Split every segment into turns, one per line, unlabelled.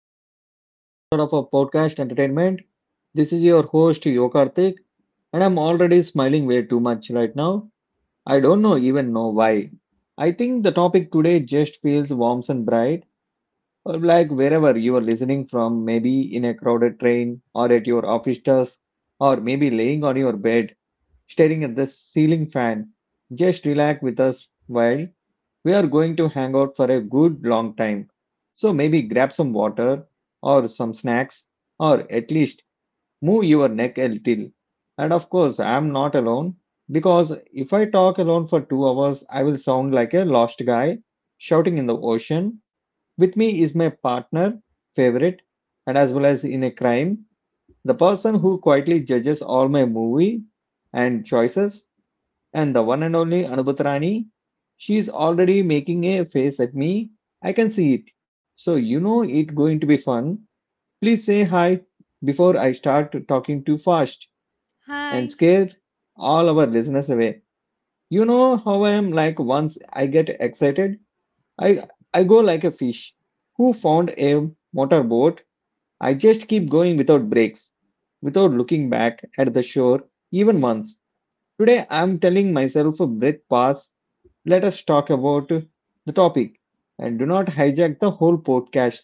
Welcome back to another episode of our podcast, Entertainment. This is your host, Yokarthik, and I'm already smiling way too much right now. I don't know even know why. I think the topic today just feels warm and bright, or like wherever you are listening from, maybe in a crowded train, or at your office desk, or maybe laying on your bed, staring at the ceiling fan. Just relax with us while we are going to hang out for a good long time. So maybe grab some water or some snacks or at least move your neck a little. And of course, I'm not alone because if I talk alone for 2 hours, I will sound like a lost guy shouting in the ocean. With me is my partner, favorite, and as well as in a crime, the person who quietly judges all my movie and choices and the one and only Anubhat, she is already making a face at me. I can see it. So you know it going to be fun. Please say hi before I start talking too fast and
Hi.
scare all our listeners away. You know how I am, like once I get excited, I I go like a fish who found a motorboat. I just keep going without breaks, without looking back at the shore even once. Today, I'm telling myself a breath pass. Let us talk about the topic and do not hijack the whole podcast.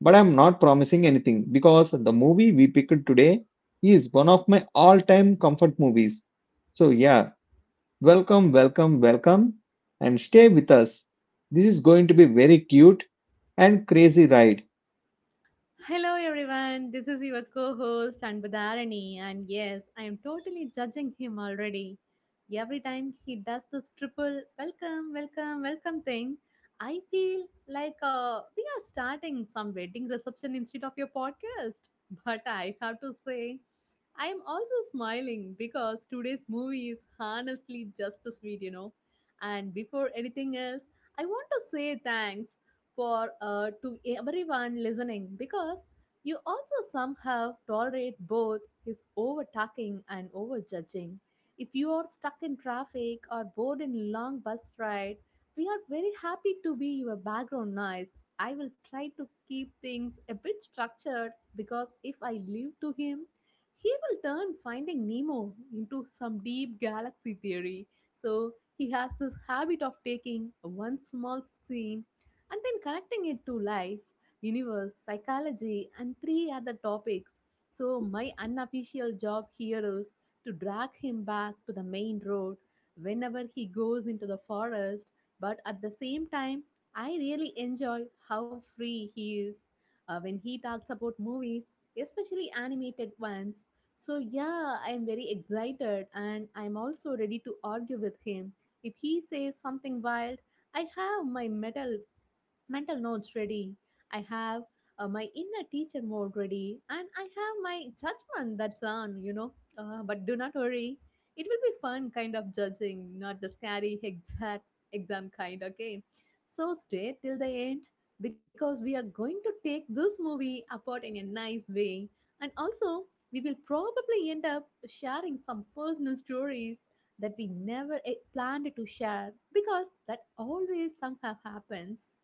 But I'm not promising anything because the movie we picked today is one of my all time comfort movies. So, yeah, welcome, welcome, welcome, and stay with us. This is going to be very cute and crazy ride.
Hello, everyone. This is your co host, Anbudharani. And yes, I am totally judging him already. Every time he does this triple welcome, welcome, welcome thing, I feel like we are starting some wedding reception instead of your podcast. But I have to say, I am also smiling because today's movie is honestly just as sweet, you know. And before anything else, I want to say thanks for to everyone listening because you also somehow tolerate both his over talking and over judging. If you are stuck in traffic or bored in long bus ride, we are very happy to be your background noise. I will try to keep things a bit structured because if I leave to him, he will turn Finding Nemo into some deep galaxy theory. So he has this habit of taking one small scene and then connecting it to life, universe, psychology, and three other topics. So, my unofficial job here is to drag him back to the main road whenever he goes into the forest, but at the same time, I really enjoy how free he is when he talks about movies, especially animated ones. So, yeah, I'm very excited and I'm also ready to argue with him. If he says something wild, I have my metal mental notes ready. I have my inner teacher mode ready, and I have my judgment that's on, you know. But do not worry, it will be fun kind of judging, not the scary exact exam kind, okay? So stay till the end because we are going to take this movie apart in a nice way, and also we will probably end up sharing some personal stories that we never planned to share because that always somehow happens.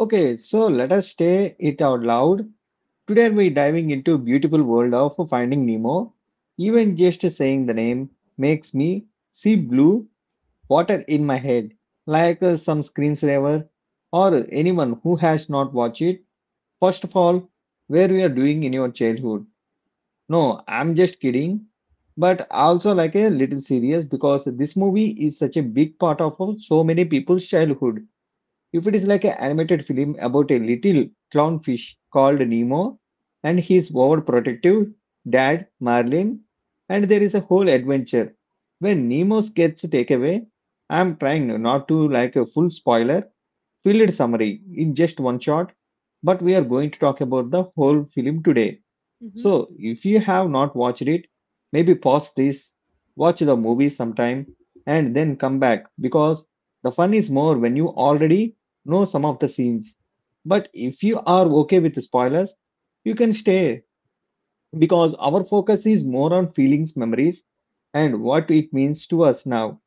Okay, so let us say it out loud. Today we're diving into beautiful world of Finding Nemo. Even just saying the name makes me see blue water in my head, like some screensaver or anyone who has not watched it. First of all, where we are doing in your childhood. No, I'm just kidding, but also like a little serious because this movie is such a big part of so many people's childhood if it is like an animated film about a little clownfish called Nemo and his overprotective dad Marlin, and there is a whole adventure when Nemo gets taken away, I'm trying not to like a full spoiler filled summary in just one shot, but we are going to talk about the whole film today.
Mhm,
So, if you have not watched it, maybe pause this, watch the movie sometime, and then come back because the fun is more when you already know some of the scenes. But if you are okay with the spoilers, you can stay because our focus is more on feelings, memories, and what it means to us now.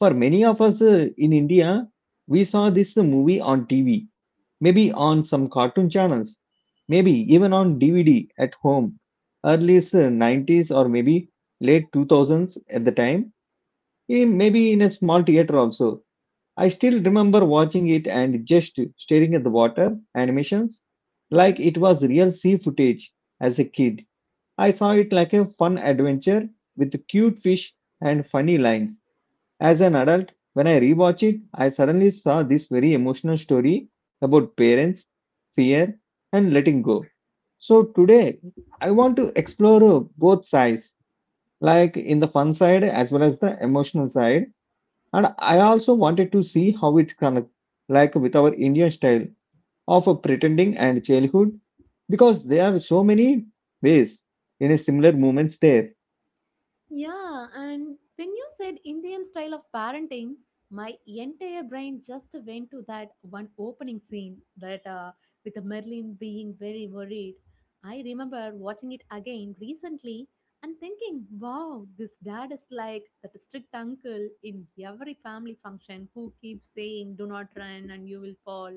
For many of us in India, we saw this movie on TV maybe on some cartoon channels, maybe even on DVD at home, 90s or maybe late 2000s at the time, maybe in a small theater also. I still remember watching it and just staring at the water animations
mhm.
like it was real sea footage as a kid. I saw it like a fun adventure with cute fish and funny lines. As an adult, when I rewatch it, I suddenly saw this very emotional story about parents, fear, and letting go. So today, I want to explore both sides, like in the fun side as well as the emotional side. And I also wanted to see how it connects, like with our Indian style of pretending and childhood, because there are so many ways in a similar moments there.
Yeah, and when you said Indian style of parenting, my entire brain just went to that one opening scene that with the Merlin being very worried. I remember watching it again recently and thinking, wow, this dad is like that strict uncle in every family function who keeps saying, do not run and you will fall.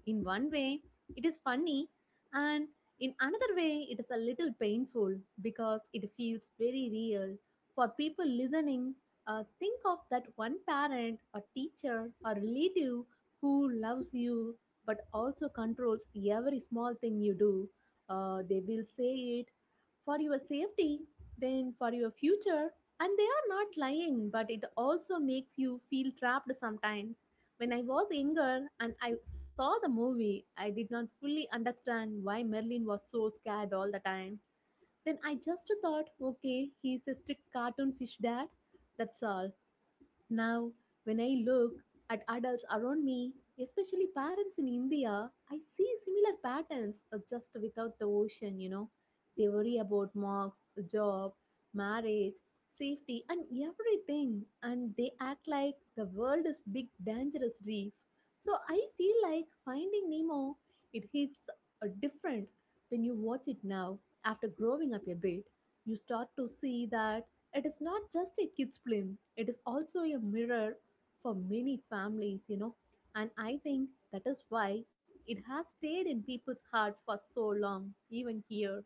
In one way, it is funny, and in another way, it is a little painful because it feels very real for people listening, think of that one parent, a teacher, a relative who loves you but also controls every small thing you do. They will say it for your safety, then for your future, and they are not lying, but it also makes you feel trapped sometimes. When I was younger and I saw the movie, I did not fully understand why Merlin was so scared all the time. Then I just thought, okay, he's a strict cartoon fish dad. That's all. Now, when I look at adults around me, especially parents in India, I see similar patterns just without the ocean, you know. They worry about marks, job, marriage, safety, and everything, and they act like the world is big, dangerous reef. So I feel like finding Nemo, it hits different when you watch it now after growing up a bit, you start to see that it is not just a kids' film, it is also a mirror for many families, you know. And I think that is why it has stayed in people's heart for so long, even here,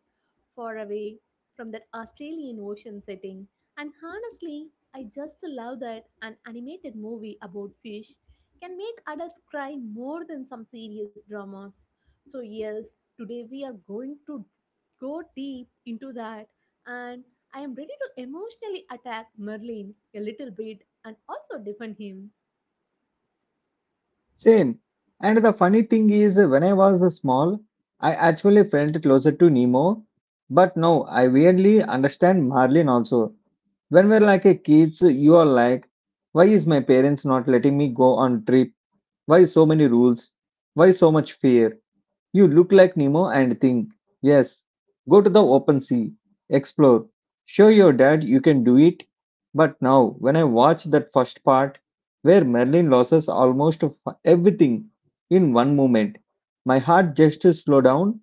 far away from that Australian ocean setting. And honestly, I just love that an animated movie about fish can make adults cry more than some serious dramas. So, yes, today we are going to go deep into that and I am ready to emotionally attack Merlin a little bit and also defend him.
Same. And the funny thing is, when I was small, I actually felt closer to Nemo. But now I weirdly understand Marlin also. When we're like a kids, you are like, why is my parents not letting me go on trip? Why so many rules? Why so much fear? You look like Nemo and think, yes, go to the open sea, explore, show your dad you can do it. But now, when I watch that first part, where Merlin loses almost of everything in one moment, my heart just slow down.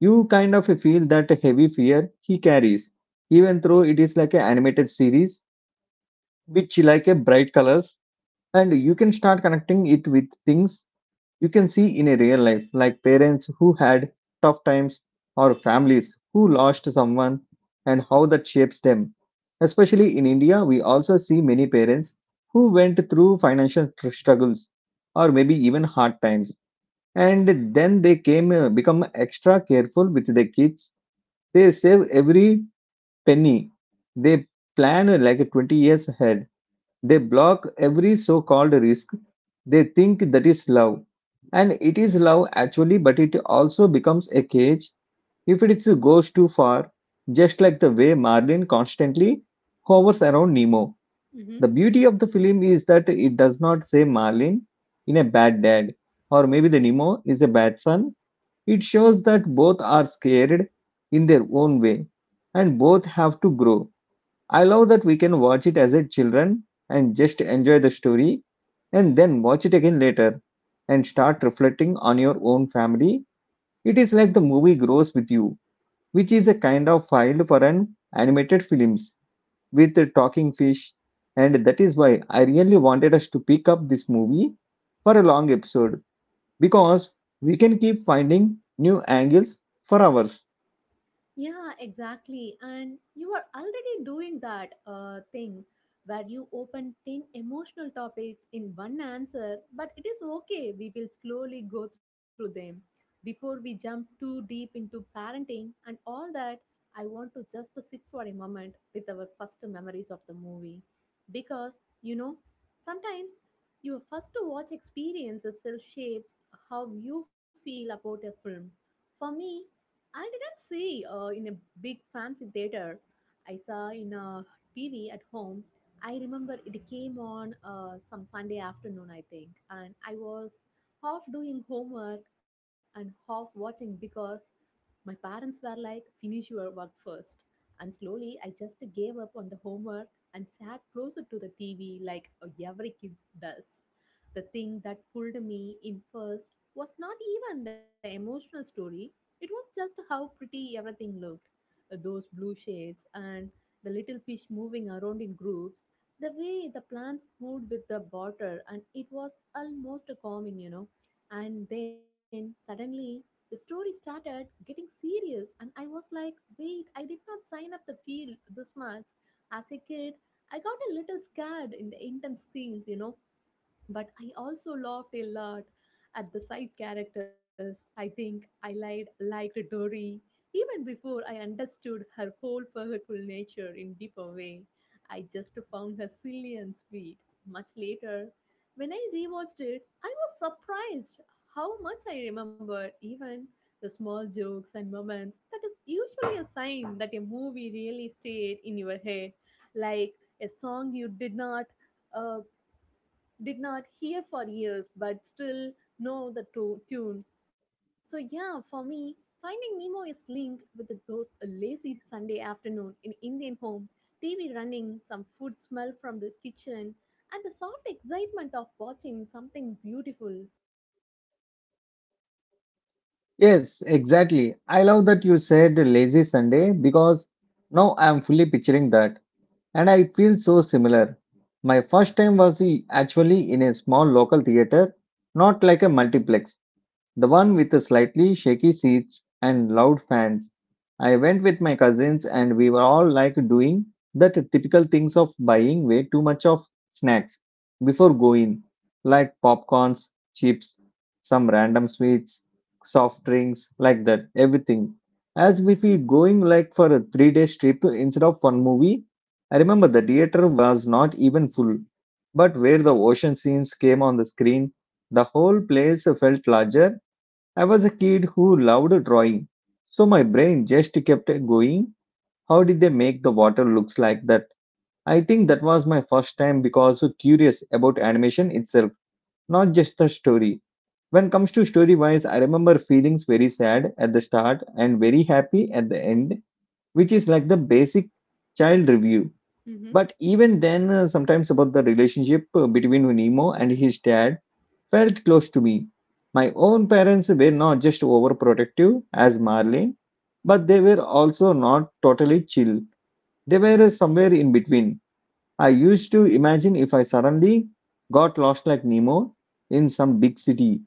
You kind of feel that heavy fear he carries, even though it is like an animated series, which like a bright colors and you can start connecting it with things you can see in a real life, like parents who had tough times or families who lost someone and how that shapes them. Especially in india, we also see many parents who went through financial struggles or maybe even hard times, and then they came become extra careful with their kids. They save every penny. They plan like 20 years ahead. They block every so called risk. They think that is love. And it is love actually, but it also becomes a cage if it goes too far, just like the way Marlin constantly hovers around Nemo.
Mm-hmm.
The beauty of the film is that it does not say Marlin in a bad dad, or maybe the Nemo is a bad son. It shows that both are scared in their own way, and both have to grow. I love that we can watch it as a children and just enjoy the story and then watch it again later and start reflecting on your own family. It is like the movie grows with you, which is a kind of filed for an animated films with a talking fish, and that is why I really wanted us to pick up this movie for a long episode because we can keep finding new angles for hours.
Yeah, exactly. And you are already doing that thing where you open 10 emotional topics in one answer, but it is okay. We will slowly go through them. Before we jump too deep into parenting and all that, I want to just sit for a moment with our first memories of the movie. Because, you know, sometimes your first watch experience itself shapes how you feel about a film. For me, I didn't see in a big fancy theater. I saw in a TV at home. I remember it came on some Sunday afternoon, I think, and I was half doing homework and half watching because my parents were like, finish your work first. And slowly, I just gave up on the homework and sat closer to the TV like every kid does. The thing that pulled me in first was not even the emotional story, it was just how pretty everything looked. Those blue shades and the little fish moving around in groups, the way the plants moved with the water, and it was almost calming, you know. And then suddenly the story started getting serious and I was like, wait, I did not sign up the feel this much as a kid. I got a little scared in the intense scenes, you know, but I also laughed a lot at the side characters. I think liked Dory even before I understood her whole forgetful nature in deeper way. I just found her silly and sweet. Much later, when I rewatched it, I was surprised how much I remembered even the small jokes and moments. That is usually a sign that a movie really stayed in your head, like a song you uh, did not hear for years but still know the tune. So, yeah, for me, Finding Nemo is linked with those a lazy Sunday afternoon in Indian home, TV running, some food smell from the kitchen, and the soft excitement of watching something beautiful.
Yes, exactly. I love that you said lazy Sunday because now I am fully picturing that and I feel so similar. My first time was actually in a small local theater, not like a multiplex. The one with the slightly shaky seats and loud fans. I went with my cousins and we were all like doing that typical things of buying way too much of snacks before going, like popcorns, chips, some random sweets, soft drinks, like that, everything. As if we going like for a 3 day trip instead of one movie. I remember the theater was not even full, but where the ocean scenes came on the screen, the whole place felt larger. I was a kid who loved drawing, so my brain just kept going. How did they make the water looks like that? I think that was my first time because curious about animation itself, not just the story. When comes to story wise, I remember feelings very sad at the start and very happy at the end, which is like the basic child review.
Mm-hmm.
But even then, sometimes about the relationship between Nemo and his dad, felt close to me. My own parents were not just overprotective as Marlene, but they were also not totally chill. They were somewhere in between. I used to imagine if I suddenly got lost like Nemo in some big city,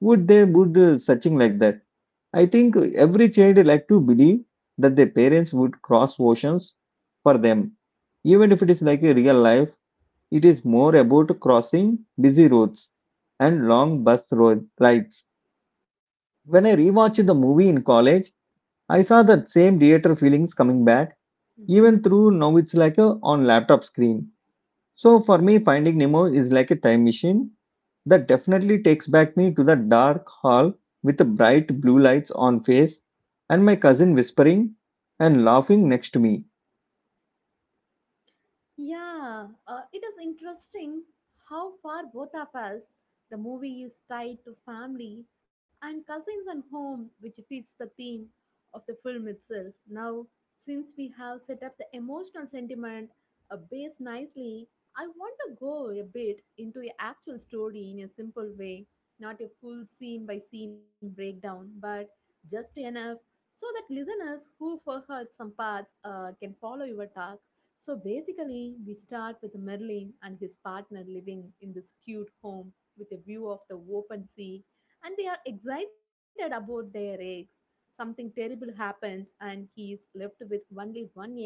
would they would searching like that? I think every child like to believe that their parents would cross oceans for them, even if it is like a real life, it is more about crossing busy roads and long bus road rides. When I rewatched the movie in college, I saw that same theater feelings coming back,
Mm-hmm.
even through now it's like a on laptop screen. So for me, Finding Nemo is like a time machine that definitely takes back me to the dark hall with the bright blue lights on face and my cousin whispering and laughing next to me.
Yeah, it is interesting how far both of us, the movie is tied to family and cousins and home, which fits the theme of the film itself. Now, since we have set up the emotional sentiment base nicely, I want to go a bit into the actual story in a simple way, not a full scene by scene breakdown, but just enough so that listeners who forgot some parts can follow your talk. So basically, we start with Merlin and his partner living in this cute home with a view of the open sea, and they are excited about their eggs. Something terrible happens, and he is left with only one egg,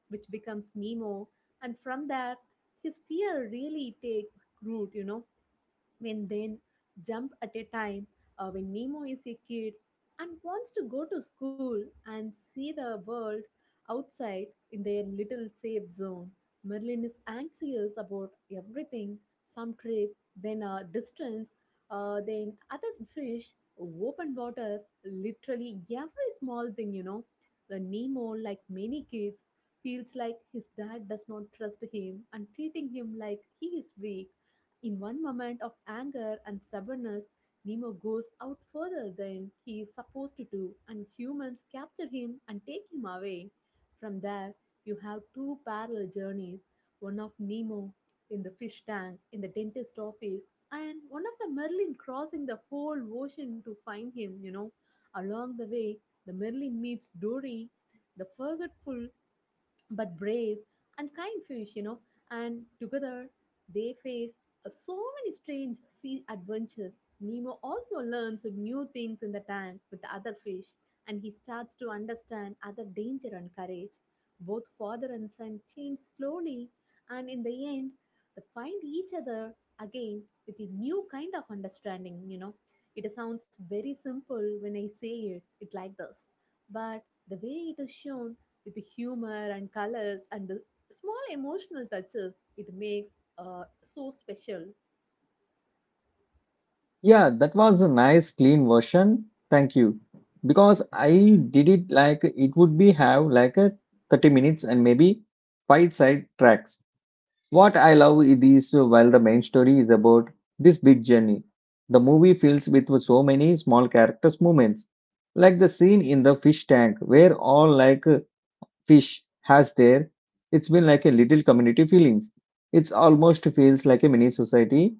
which becomes Nemo. And from there, his fear really takes root, you know, when then jump at a time when Nemo is a kid and wants to go to school and see the world outside in their little safe zone. Merlin is anxious about everything, some trip, then a distance, then other fish, open water, literally every small thing, you know. The Nemo, like many kids, feels like his dad does not trust him and treating him like he is weak. In one moment of anger and stubbornness, Nemo goes out further than he is supposed to do, and humans capture him and take him away. From there, you have two parallel journeys, one of Nemo in the fish tank in the dentist office, and one of the Merlin crossing the whole ocean to find him, you know. Along the way, the Merlin meets Dory, the forgetful but brave and kind fish, you know. And together, they face so many strange sea adventures. Nemo also learns new things in the tank with the other fish, and he starts to understand other danger and courage. Both father and son change slowly, and in the end, they find each other again with a new kind of understanding. You know, it sounds very simple when I say it, it like this, but the way it is shown with humor and colors and small emotional touches, it makes so special.
Yeah, that was a nice clean version. Thank you. Because I did it like it would be have like a 30 minutes and maybe five side tracks. What I love is this, while the main story is about this big journey. The movie fills with so many small characters movements. Like the scene in the fish tank where all like fish has there. It's been like a little community feelings. It's almost feels like a mini society.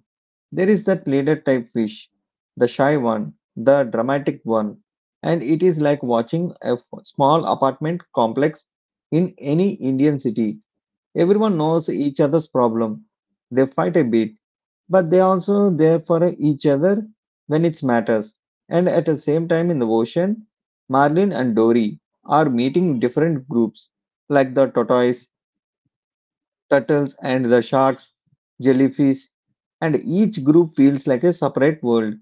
There is that leader type fish, the shy one, the dramatic one, and it is like watching a small apartment complex in any Indian city. Everyone knows each other's problem. They fight a bit, but they also there for each other when it matters. And at the same time in the ocean, Marlin and Dory are meeting different groups like the tortoise turtles and the sharks, jellyfish, and each group feels like a separate world.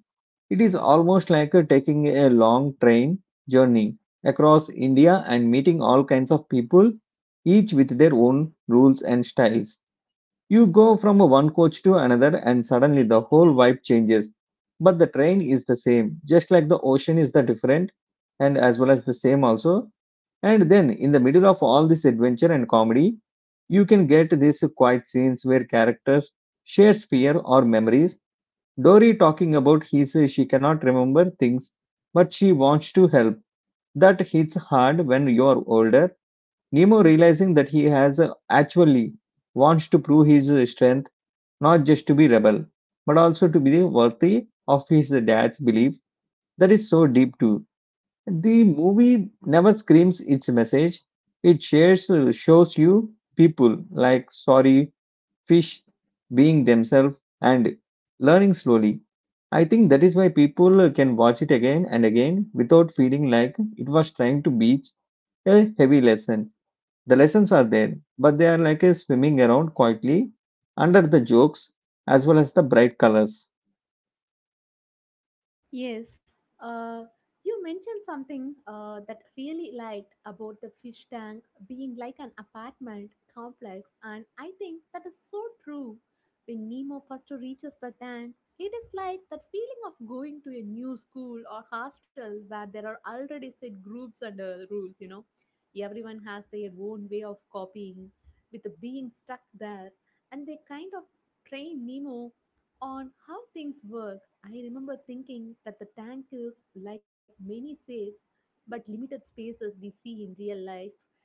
It is almost like taking a long train journey across India and meeting all kinds of people, each with their own rules and styles. You go from one coach to another, and suddenly the whole vibe changes. But the train is the same, just like the ocean is the different, and as well as the same also. And then, in the middle of all this adventure and comedy, you can get these quiet scenes where characters share fear or memories. Dory talking about his she cannot remember things, but she wants to help. That hits hard when you're older. Nemo realizing that he has actually wants to prove his strength, not just to be rebel, but also to be worthy of his dad's belief. That is so deep too. The movie never screams its message. It shows you people like sorry, fish, being themselves, and learning slowly. I think that is why people can watch it again and again without feeling like it was trying to beach a heavy lesson. The lessons are there, but they are like a swimming around quietly under the jokes as well as the bright colors.
Yes, you mentioned something that really liked about the fish tank being like an apartment complex, and I think that is so true. When Nemo first reaches the tank, it is like that feeling of going to a new school or hostel where there are already set groups and rules, you know. Everyone has their own way of copying, with being stuck there, and they kind of train Nemo on how things work. I remember thinking that the tank is like many safe but limited spaces we see in real life.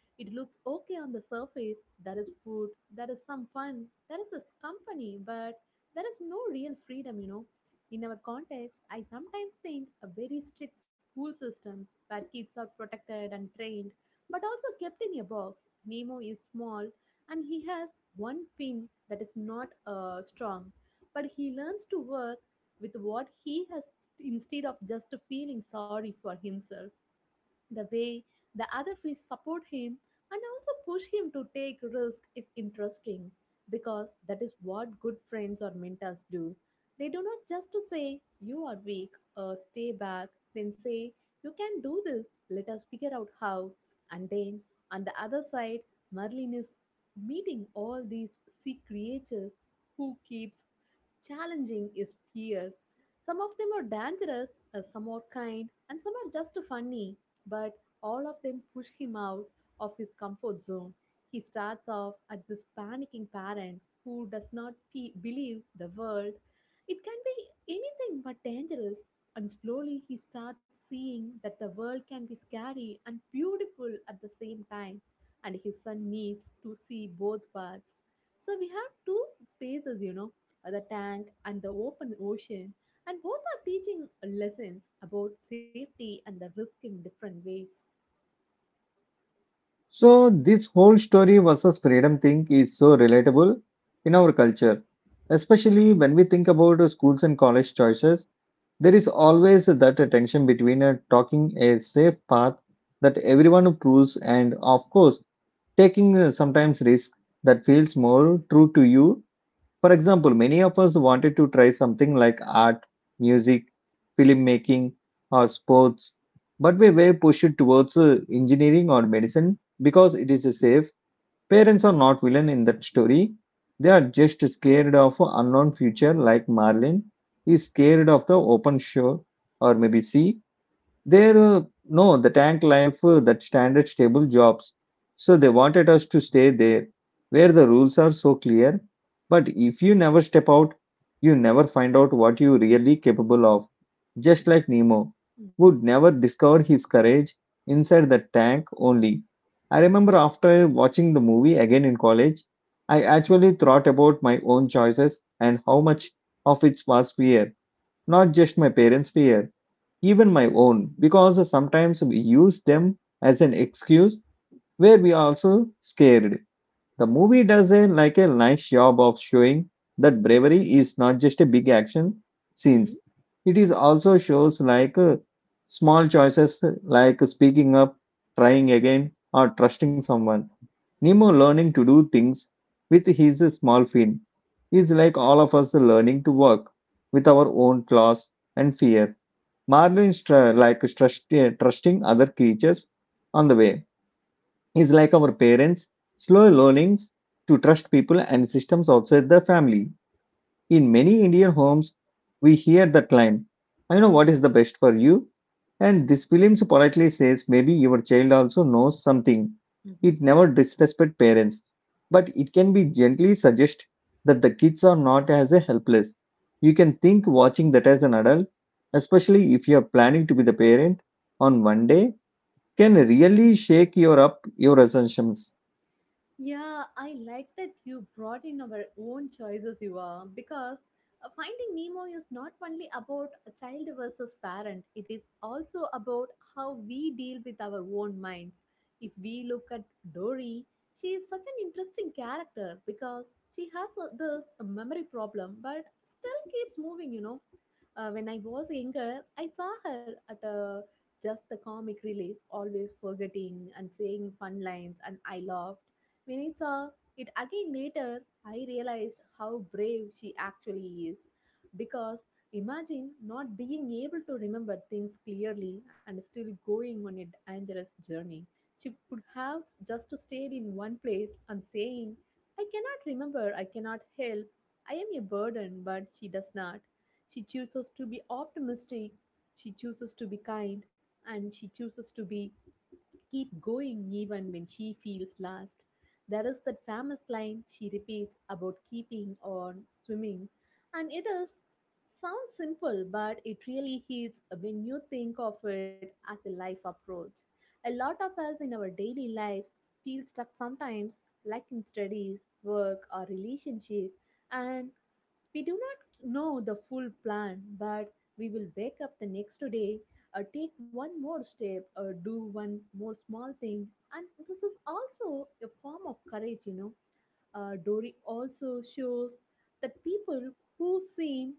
It looks okay on the surface. There is food, there is some fun, there is this company, but there is no real freedom, you know. In our context, I sometimes think a very strict school systems where kids are protected and trained, but also kept in a box. Nemo is small and he has one fin that is not strong, but he learns to work with what he has instead of just feeling sorry for himself. The way the other fish support him and also push him to take risk is interesting because that is what good friends or mentors do. They do not just to say you are weak or stay back, then say you can do this. Let us figure out how. And then on the other side, Merlin is meeting all these sea creatures who keeps challenging is fear. Some of them are dangerous, some are kind, and some are just funny, but all of them push him out of his comfort zone. He starts off at this panicking parent who does not believe the world. It can be anything but dangerous, and slowly he starts seeing that the world can be scary and beautiful at the same time, and his son needs to see both parts. So we have two spaces, the tank and the open ocean, and both are teaching lessons about safety and the risk in different ways.
So, this whole story versus freedom thing is so relatable in our culture, especially when we think about schools and college choices. There is always that tension between talking a safe path that everyone approves and, of course, taking sometimes risk that feels more true to you. For example, many of us wanted to try something like art, music, filmmaking, or sports, but we were pushed towards engineering or medicine because it is safe. Parents
Mm-hmm,
are not villain in that story. They are just scared of unknown future like Marlin is scared of the open shore or maybe sea. There, no, The tank life, that standard stable jobs. So they wanted us to stay there, where the rules are so clear. But if you never step out, you never find out what you really capable of. Just like Nemo,
mm-hmm,
would never discover his courage inside the tank only. I remember after watching the movie again in college, I actually thought about my own choices and how much of it was fear, not just my parents' fear, even my own, because sometimes we use them as an excuse where we are also scared. The movie does a like a nice job of showing that bravery is not just a big action
mm-hmm,
scenes. It is also shows like small choices like speaking up, trying again, or trusting someone. Nemo learning to do things with his small feet is like all of us learning to work with our own claws and fear. Marlin like trusting other creatures on the way. Is like our parents, slow learnings to trust people and systems outside the family. In many Indian homes, we hear that line, I know what is the best for you. And this film politely says maybe your child also knows something.
mm-hmm.
It never disrespect parents, but it can be gently suggest that the kids are not as a helpless. You can think watching that as an adult, especially if you are planning to be the parent on one day, can really shake your up your assumptions.
Yeah, I like that you brought in our own choices, you are, because Finding Nemo is not only about a child versus parent, it is also about how we deal with our own minds. If we look at Dory, she is such an interesting character because she has this memory problem but still keeps moving. When I was younger, I saw her at a just the comic relief, always forgetting and saying fun lines, and I laughed when I saw it again later. I realized how brave she actually is. Because imagine not being able to remember things clearly and still going on a dangerous journey. She could have just stayed in one place and saying, I cannot remember, I cannot help, I am a burden, but she does not. She chooses to be optimistic, she chooses to be kind, and she chooses to be keep going even when she feels lost. There is that famous line she repeats about keeping on swimming, and it is sounds simple, but it really hits when you think of it as a life approach. A lot of us in our daily lives feel stuck sometimes, like in studies, work, or relationship, and we do not know the full plan, but we will wake up the next day, take one more step, or do one more small thing. And this is also a form of courage. Dory also shows that people who seem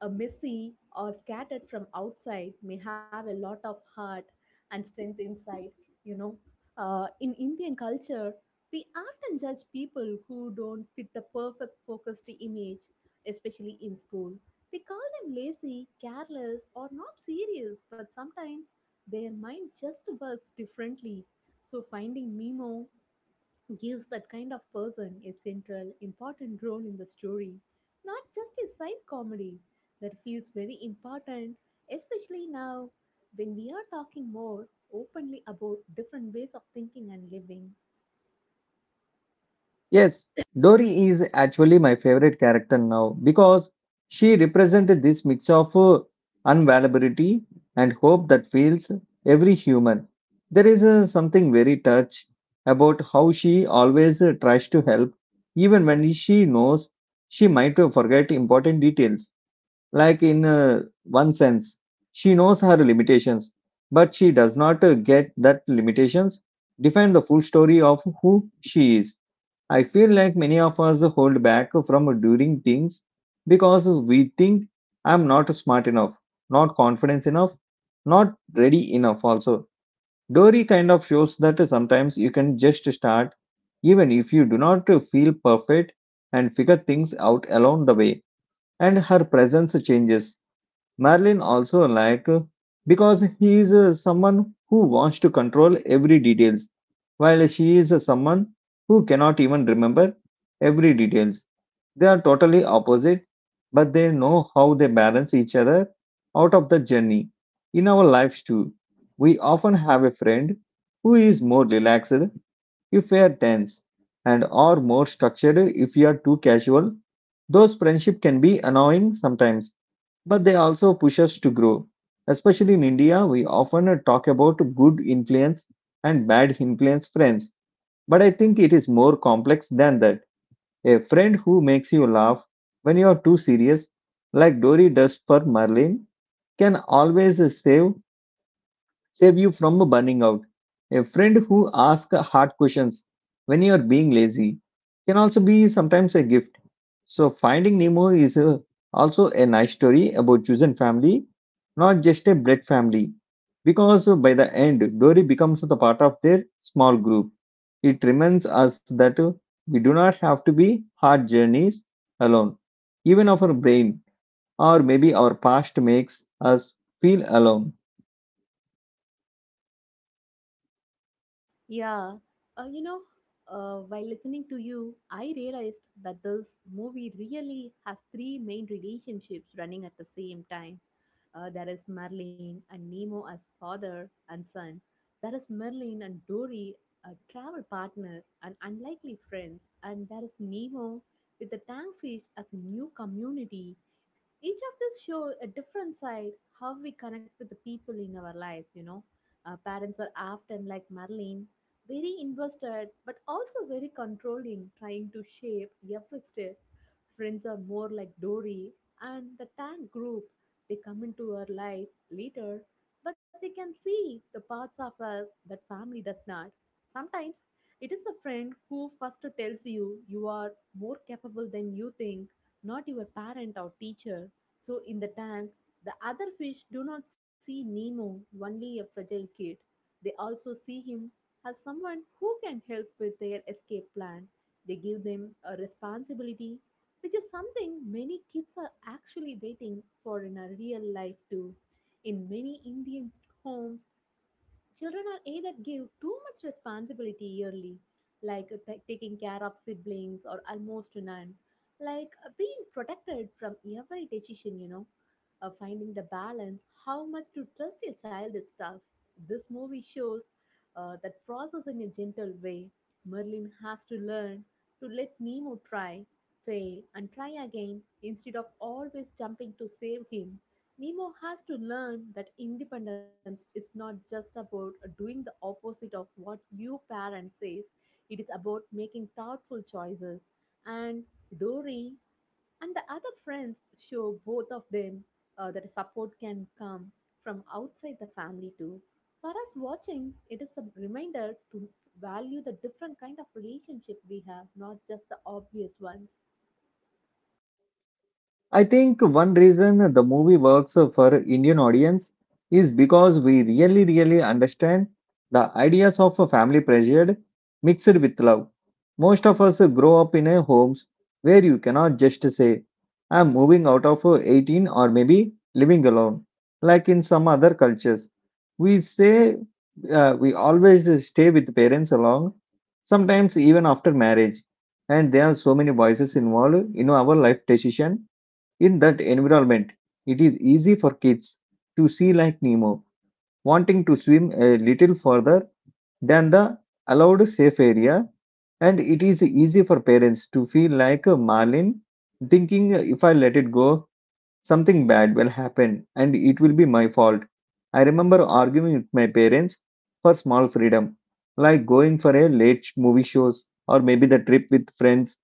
a messy or scattered from outside may have a lot of heart and strength inside, you know. In Indian culture, we often judge people who don't fit the perfect focused image, especially in school. We call them lazy, careless, or not serious, but sometimes their mind just works differently. So, finding Mimo gives that kind of person a central, important role in the story, not just a side comedy that feels very important, especially now when we are talking more openly about different ways of thinking and living.
Yes, Dory is actually my favorite character now because she represented this mix of unavailability and hope that fills every human. There is something very touch about how she always tries to help, even when she knows she might forget important details. Like in one sense, she knows her limitations, but she does not get that limitations define the full story of who she is. I feel like many of us hold back from doing things because we think I'm not smart enough, not confident enough, not ready enough. Also, Dory kind of shows that sometimes you can just start, even if you do not feel perfect, and figure things out along the way. And her presence changes. Merlin also like because he is someone who wants to control every details, while she is someone who cannot even remember every details. They are totally opposite, but they know how they balance each other out of the journey. In our lives too, we often have a friend who is more relaxed if we are tense, and are more structured if we are too casual. Those friendship can be annoying sometimes but they also push us to grow. Especially in India, we often talk about good influence and bad influence friends, but I think it is more complex than that. A friend who makes you laugh when you are too serious, like Dory does for Marlene, can always save you from burning out. A friend who asks hard questions when you are being lazy can also be sometimes a gift. So, Finding Nemo is a, also a nice story about chosen family, not just a blood family. Because by the end, Dory becomes the part of their small group. It reminds us that we do not have to be hard journeys alone. Even our brain or maybe our past makes us feel alone.
Yeah, uh, you know, while listening to you, I realized that this movie really has three main relationships running at the same time. There is Merlin and Nemo as father and son. There is Merlin and Dory, travel partners and unlikely friends. And there is Nemo with the tank fish as a new community. Each of this show a different side how we connect with the people in our lives. Parents are often like Madeline, very invested but also very controlling, trying to shape every step. Friends are more like Dory, and the tank group, they come into our life later, but they can see the parts of us that family does not. Sometimes it is a friend who first tells you you are more capable than you think, not your parent or teacher. So in the tank, the other fish do not see Nemo, only a fragile kid. They also see him as someone who can help with their escape plan. They give them a responsibility, which is something many kids are actually waiting for in a real life too. In many Indian homes, children are either give too much responsibility yearly, like taking care of siblings or almost none, like being protected from every decision. Finding the balance, how much to trust a child is tough. This movie shows that process in a gentle way. Merlin has to learn to let Nemo try, fail, and try again instead of always jumping to save him. Nemo has to learn that independence is not just about doing the opposite of what your parent says. It is about making thoughtful choices. And Dory and the other friends show both of them that support can come from outside the family too. For us watching, it is a reminder to value the different kind of relationship we have, not just the obvious ones.
I think one reason the movie works for Indian audience is because we really, really understand the ideas of a family pressure mixed with love. Most of us grow up in a homes where you cannot just say, I'm moving out of 18 or maybe living alone, like in some other cultures. We say we always stay with parents along, sometimes even after marriage. And there are so many voices involved in our life decision in that environment, it is easy for kids to see like Nemo, wanting to swim a little further than the allowed safe area, and it is easy for parents to feel like a Marlin, thinking if I let it go, something bad will happen and it will be my fault. I remember arguing with my parents for small freedom, like going for a late movie shows or maybe the trip with friends.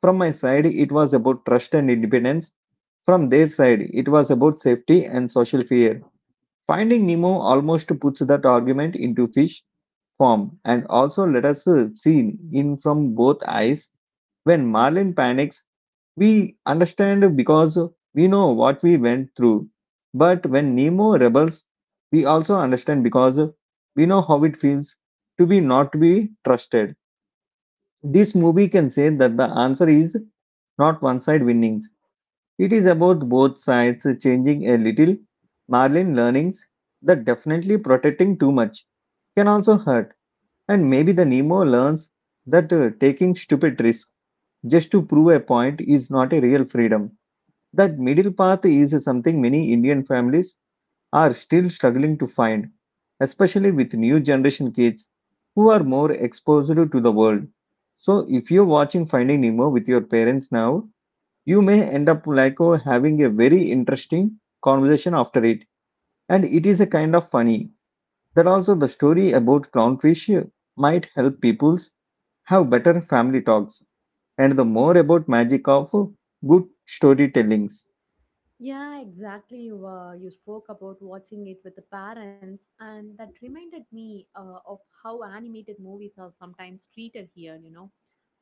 From my side, it was about trust and independence. From their side, it was about safety and social fear. Finding Nemo almost puts that argument into fish form and also let us see in from both eyes. When Marlin panics, we understand because we know what we went through. But when Nemo rebels, we also understand because we know how it feels to be not to be trusted. This movie can say that the answer is not one side winnings. It is about both sides changing a little. Marlin learnings that definitely protecting too much can also hurt, and maybe the Nemo learns that taking stupid risks just to prove a point is not a real freedom. That middle path is something many Indian families are still struggling to find, especially with new generation kids who are more exposed to the world. So, if you're watching Finding Nemo with your parents now, you may end up like oh, having a very interesting conversation after it, and it is a kind of funny that also the story about clownfish might help peoples have better family talks and the more about magic of good storytellings.
Yeah, exactly. You spoke about watching it with the parents, and that reminded me of how animated movies are sometimes treated here. You know,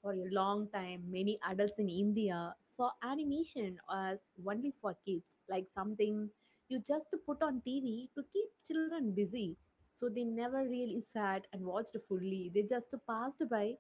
for a long time, many adults in India saw animation as only for kids, like something you just put on TV to keep children busy. So they never really sat and watched fully, they just passed by,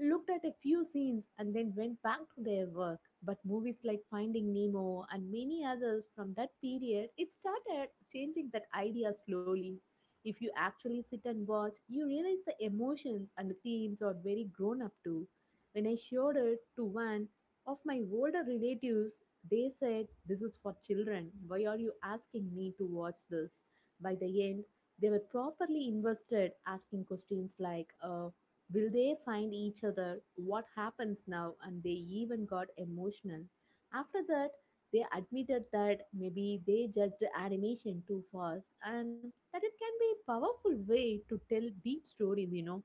looked at a few scenes and then went back to their work. But movies like Finding Nemo and many others from that period, it started changing that idea slowly. If you actually sit and watch, you realize the emotions and the themes are very grown up to. When I showed it to one of my older relatives, they said, "This is for children. Why are you asking me to watch this?" By the end, they were properly invested, asking questions like, "Will they find each other? What happens now?" And they even got emotional. After that, they admitted that maybe they judged animation too fast and that it can be a powerful way to tell deep stories.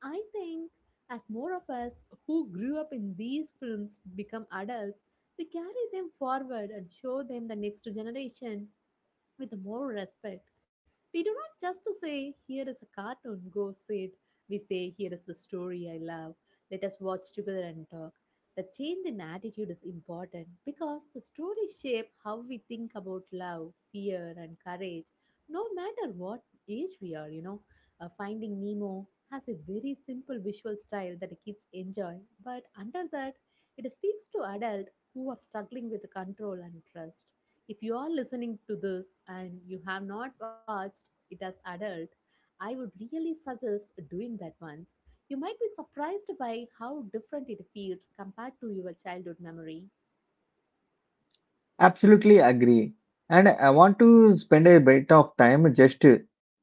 I think as more of us who grew up in these films become adults, we carry them forward and show them the next generation with more respect. We do not just to say, here is a cartoon, go sit. We say, here is the story I love. Let us watch together and talk. The change in attitude is important because the story shape how we think about love, fear, and courage, no matter what age we are. Finding Nemo has a very simple visual style that the kids enjoy, but under that, it speaks to adults who are struggling with control and trust. If you are listening to this and you have not watched it as adult, I would really suggest doing that once. You might be surprised by how different it feels compared to your childhood memory.
Absolutely agree, and I want to spend a bit of time just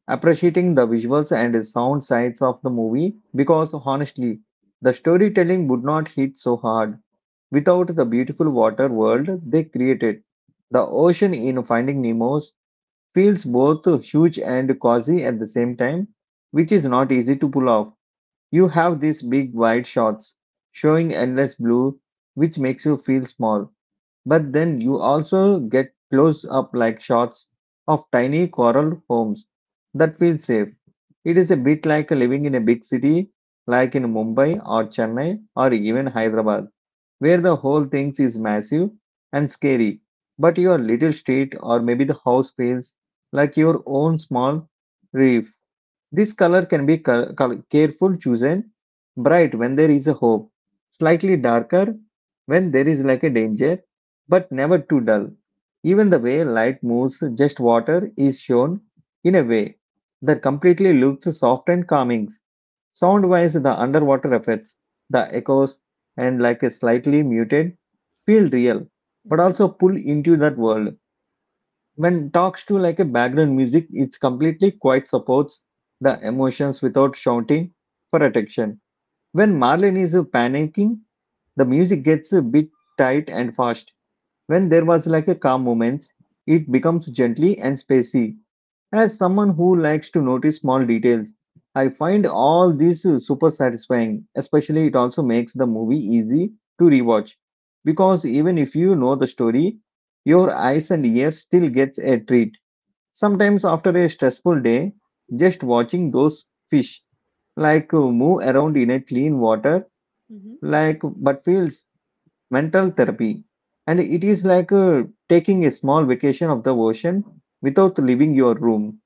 appreciating the visuals and sound sides of the movie, because honestly the storytelling would not hit so hard without the beautiful water world they created. The ocean in Finding Nemo feels both huge and cozy at the same time, which is not easy to pull off. You have these big wide shots showing endless blue, which makes you feel small. But then you also get close up like shots of tiny coral homes that feel safe. It is a bit like living in a big city like in Mumbai or Chennai or even Hyderabad, where the whole thing is massive and scary, but your little street or maybe the house feels like your own small reef. This color can be careful chosen, bright when there is a hope, slightly darker when there is like a danger, but never too dull. Even the way light moves, just water is shown in a way that completely looks soft and calming. Sound wise, the underwater effects, the echoes, and like a slightly muted feel real, but
Mm-hmm.
also pull into that world. When talks to like a background music, it's completely quite supports the emotions without shouting for attention. When Marlene is panicking, the music gets a bit tight and fast. When there was like a calm moments, it becomes gently and spacey. As someone who likes to notice small details, I find all this super satisfying, especially it also makes the movie easy to rewatch, because even if you know the story your eyes and ears still gets a treat. Sometimes, after a stressful day, just watching those fish like move around in a clean water,
Mm-hmm.
like but feels mental therapy. And it is like taking a small vacation of the ocean without leaving your room.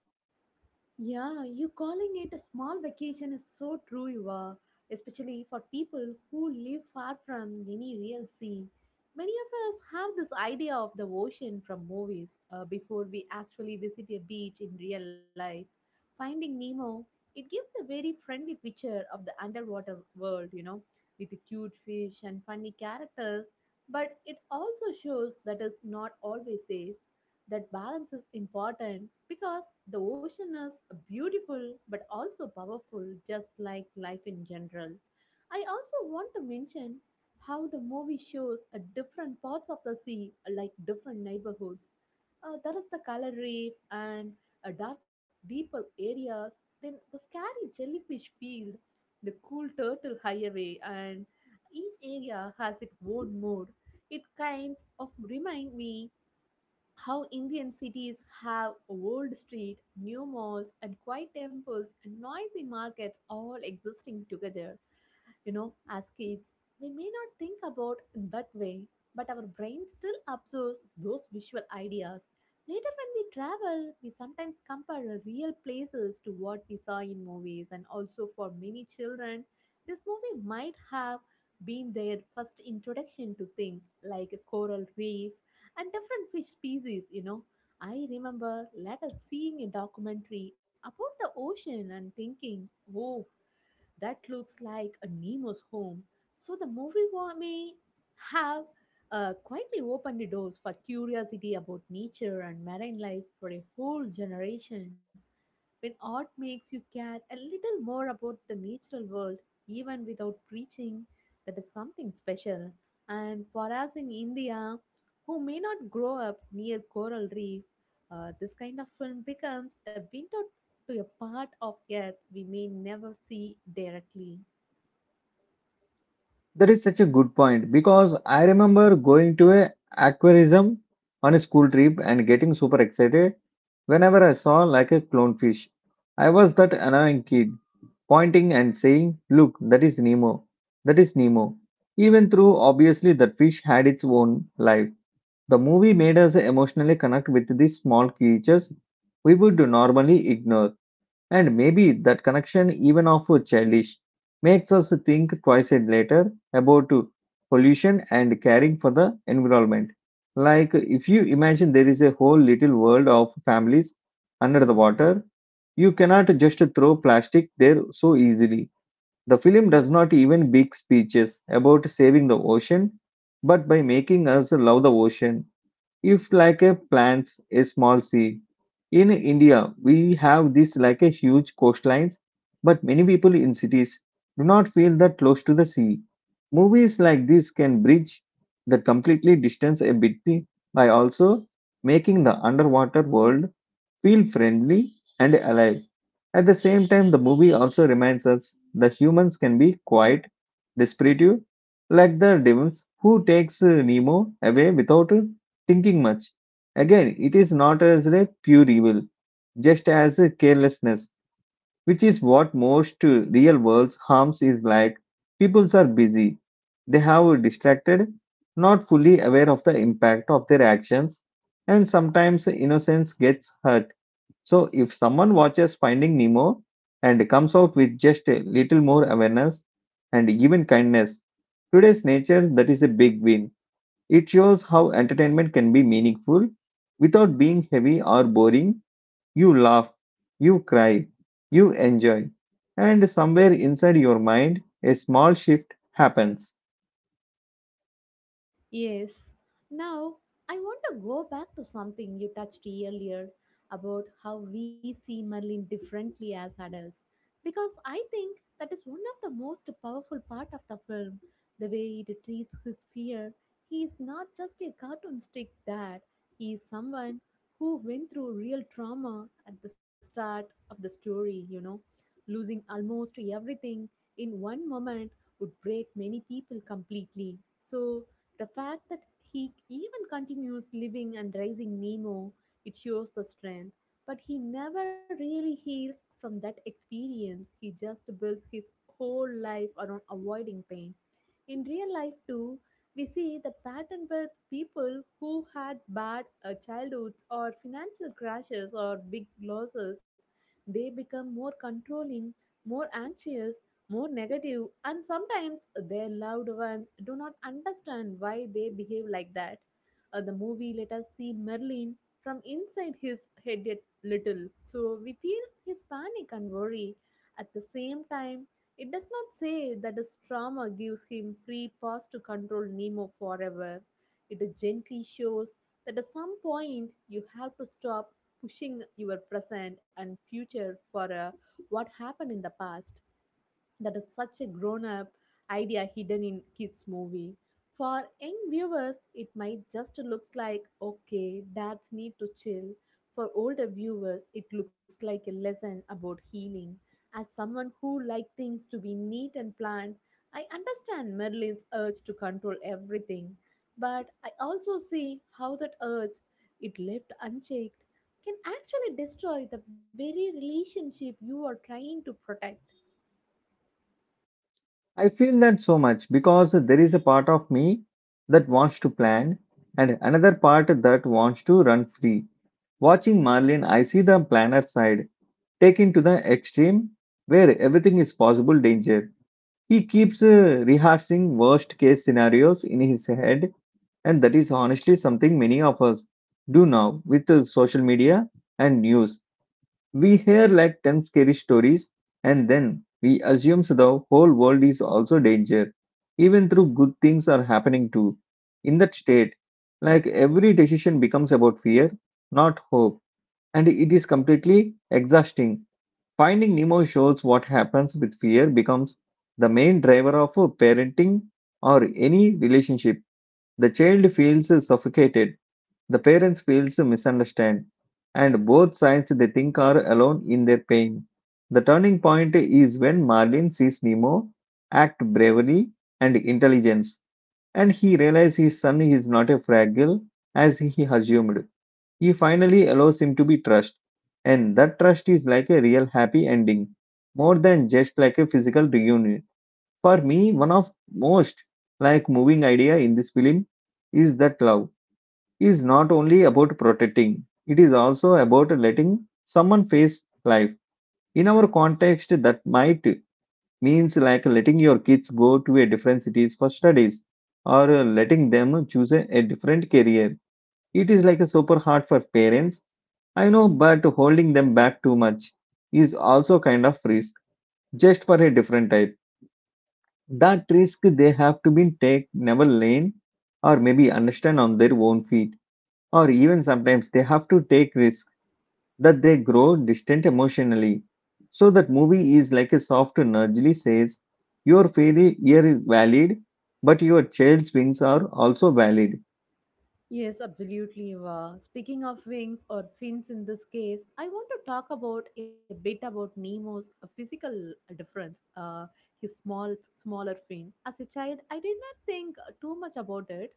Yeah, you calling it a small vacation is so true, you are, especially for people who live far from any real sea. Many of us have this idea of the ocean from movies before we actually visit a beach in real life. Finding Nemo, it gives a very friendly picture of the underwater world, with the cute fish and funny characters, but it also shows that it's not always safe. That balance is important because the ocean is beautiful but also powerful, just like life in general. I also want to mention how the movie shows a different parts of the sea, like different neighborhoods. That is the color reef and a dark, deeper areas. Then the scary jellyfish field, the cool turtle highway, and each area has its own mood. It kind of remind me how Indian cities have old street, new malls and quiet temples and noisy markets all existing together. As kids, we may not think about in that way, but our brain still absorbs those visual ideas. Later, when we travel, we sometimes compare real places to what we saw in movies, and also for many children, this movie might have been their first introduction to things like a coral reef and different fish species. I remember later seeing a documentary about the ocean and thinking, oh, that looks like a Nemo's home. So the movie may have quietly opened the doors for curiosity about nature and marine life for a whole generation. When art makes you care a little more about the natural world, even without preaching, that is something special. And for us in India, who may not grow up near coral reef, this kind of film becomes a window to a part of earth we may never see directly.
That is such a good point because I remember going to a aquarium on a school trip and getting super excited whenever I saw like a clownfish. I was that annoying kid pointing and saying, "Look, that is Nemo, that is Nemo." Even though obviously that fish had its own life, the movie made us emotionally connect with these small creatures we would normally ignore. And maybe that connection, even of a childish, makes us think twice and later about pollution and caring for the environment. Like if you imagine there is a whole little world of families under the water, you cannot just throw plastic there so easily. The film does not even big speeches about saving the ocean, but by making us love the ocean if like a plants a small sea. In India, we have this like a huge coastlines, but many people in cities do not feel that close to the sea. Movies like this can bridge the completely distance a bit by also making the underwater world feel friendly and alive. At the same time, the movie also reminds us the humans can be quite desperate, like the demons who takes Nemo away without thinking much. Again, it is not as a pure evil, just as a carelessness, which is what most real world's harms is like. Peoples are busy, they have distracted, not fully aware of the impact of their actions, and sometimes innocence gets hurt. So, if someone watches Finding Nemo and comes out with just a little more awareness and even kindness, today's nature that is a big win. It shows how entertainment can be meaningful without being heavy or boring. You laugh, you cry, you enjoy, and somewhere inside your mind, a small shift happens.
Yes. Now, I want to go back to something you touched earlier about how we see Merlin differently as adults. Because I think that is one of the most powerful part of the film, the way it treats his fear. He is not just a cartoon stick dad, he is someone who went through real trauma at the start of the story, Losing almost everything in one moment would break many people completely. So the fact that he even continues living and raising Nemo, it shows the strength. But he never really heals from that experience. He just builds his whole life around avoiding pain. In real life, too, we see that pattern with people who had bad childhoods or financial crashes or big losses. They become more controlling, more anxious, more negative, and sometimes their loved ones do not understand why they behave like that. The movie let us see Merlin from inside his head yet little, so we feel his panic and worry. At the same time, it does not say that his trauma gives him free pass to control Nemo forever. It gently shows that at some point you have to stop pushing your present and future for what happened in the past. That is such a grown up idea hidden in kids movie. For young viewers it might just looks like okay dads need to chill, for older viewers it looks like a lesson about healing. As someone who like things to be neat and planned, I understand merlin's urge to control everything, but I also see how that urge, it left unchecked, can actually destroy the very relationship you are trying to protect.
I feel that so much because there is a part of me that wants to plan and another part that wants to run free. Watching Marlin, I see the planner side taken to the extreme where everything is possible danger. He keeps rehearsing worst case scenarios in his head, and that is honestly something many of us do now with social media and news. We hear like 10 scary stories, and then we assume the whole world is also danger, even though good things are happening too. In that state, like every decision becomes about fear, not hope, and it is completely exhausting. Finding Nemo shows what happens with fear becomes the main driver of a parenting or any relationship. The child feels suffocated, the parents feels misunderstood, and both sides they think are alone in their pain. The turning point is when Marlin sees Nemo act bravery and intelligence, and he realizes his son is not a fragile as he assumed. He finally allows him to be trusted, and that trust is like a real happy ending, more than just like a physical reunion. For me, one of most like moving idea in this film is that love is not only about protecting, it is also about letting someone face life. In our context, that might means like letting your kids go to a different cities for studies or letting them choose a different career. It is like a super hard for parents I know, but holding them back too much is also kind of risk, just for a different type. That risk they have to be take, never learn, or maybe understand on their own feet, or even sometimes they have to take risk that they grow distant emotionally. So that movie is like a soft nudge says, your faith is valid, but your child's wings are also valid.
Yes, absolutely. Wow. Speaking of wings or fins in this case, I want to talk about a bit about Nemo's physical difference, his smaller fin. As a child, I did not think too much about it.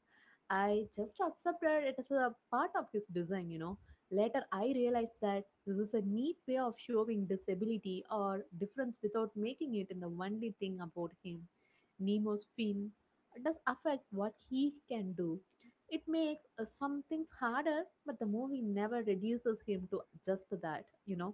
I just accepted it as a part of his design, Later, I realized that this is a neat way of showing disability or difference without making it in the only thing about him. Nemo's fin does affect what he can do. It makes some things harder, but the movie never reduces him to just that,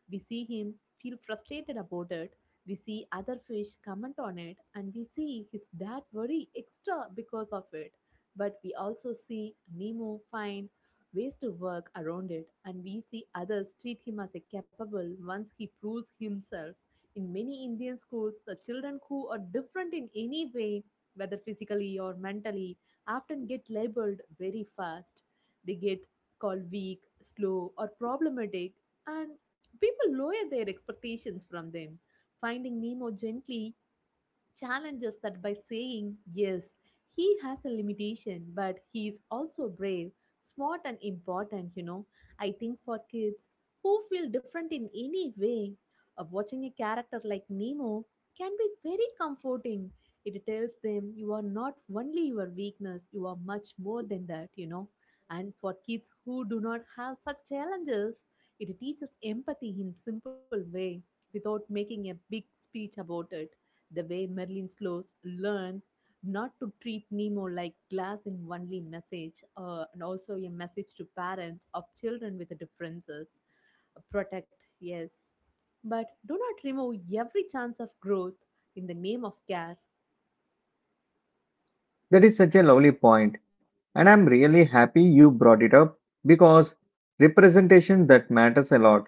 We see him feel frustrated about it. We see other fish comment on it, and we see his dad worry extra because of it. But we also see Nemo find ways to work around it, and we see others treat him as a capable once he proves himself. In many Indian schools, the children who are different in any way, whether physically or mentally, often get labeled very fast. They get called weak, slow, or problematic, and people lower their expectations from them. Finding Nemo gently challenges that by saying, yes, he has a limitation, but he is also brave, smart, and important, I think for kids who feel different in any way, watching a character like Nemo can be very comforting. It tells them you are not only your weakness, you are much more than that, And for kids who do not have such challenges, it teaches empathy in simple way without making a big speech about it. The way Merlin slows learns not to treat Nemo like glass in only message, and also a message to parents of children with differences. Protect, yes, but do not remove every chance of growth in the name of care.
That is such a lovely point, and I'm really happy you brought it up because representation that matters a lot.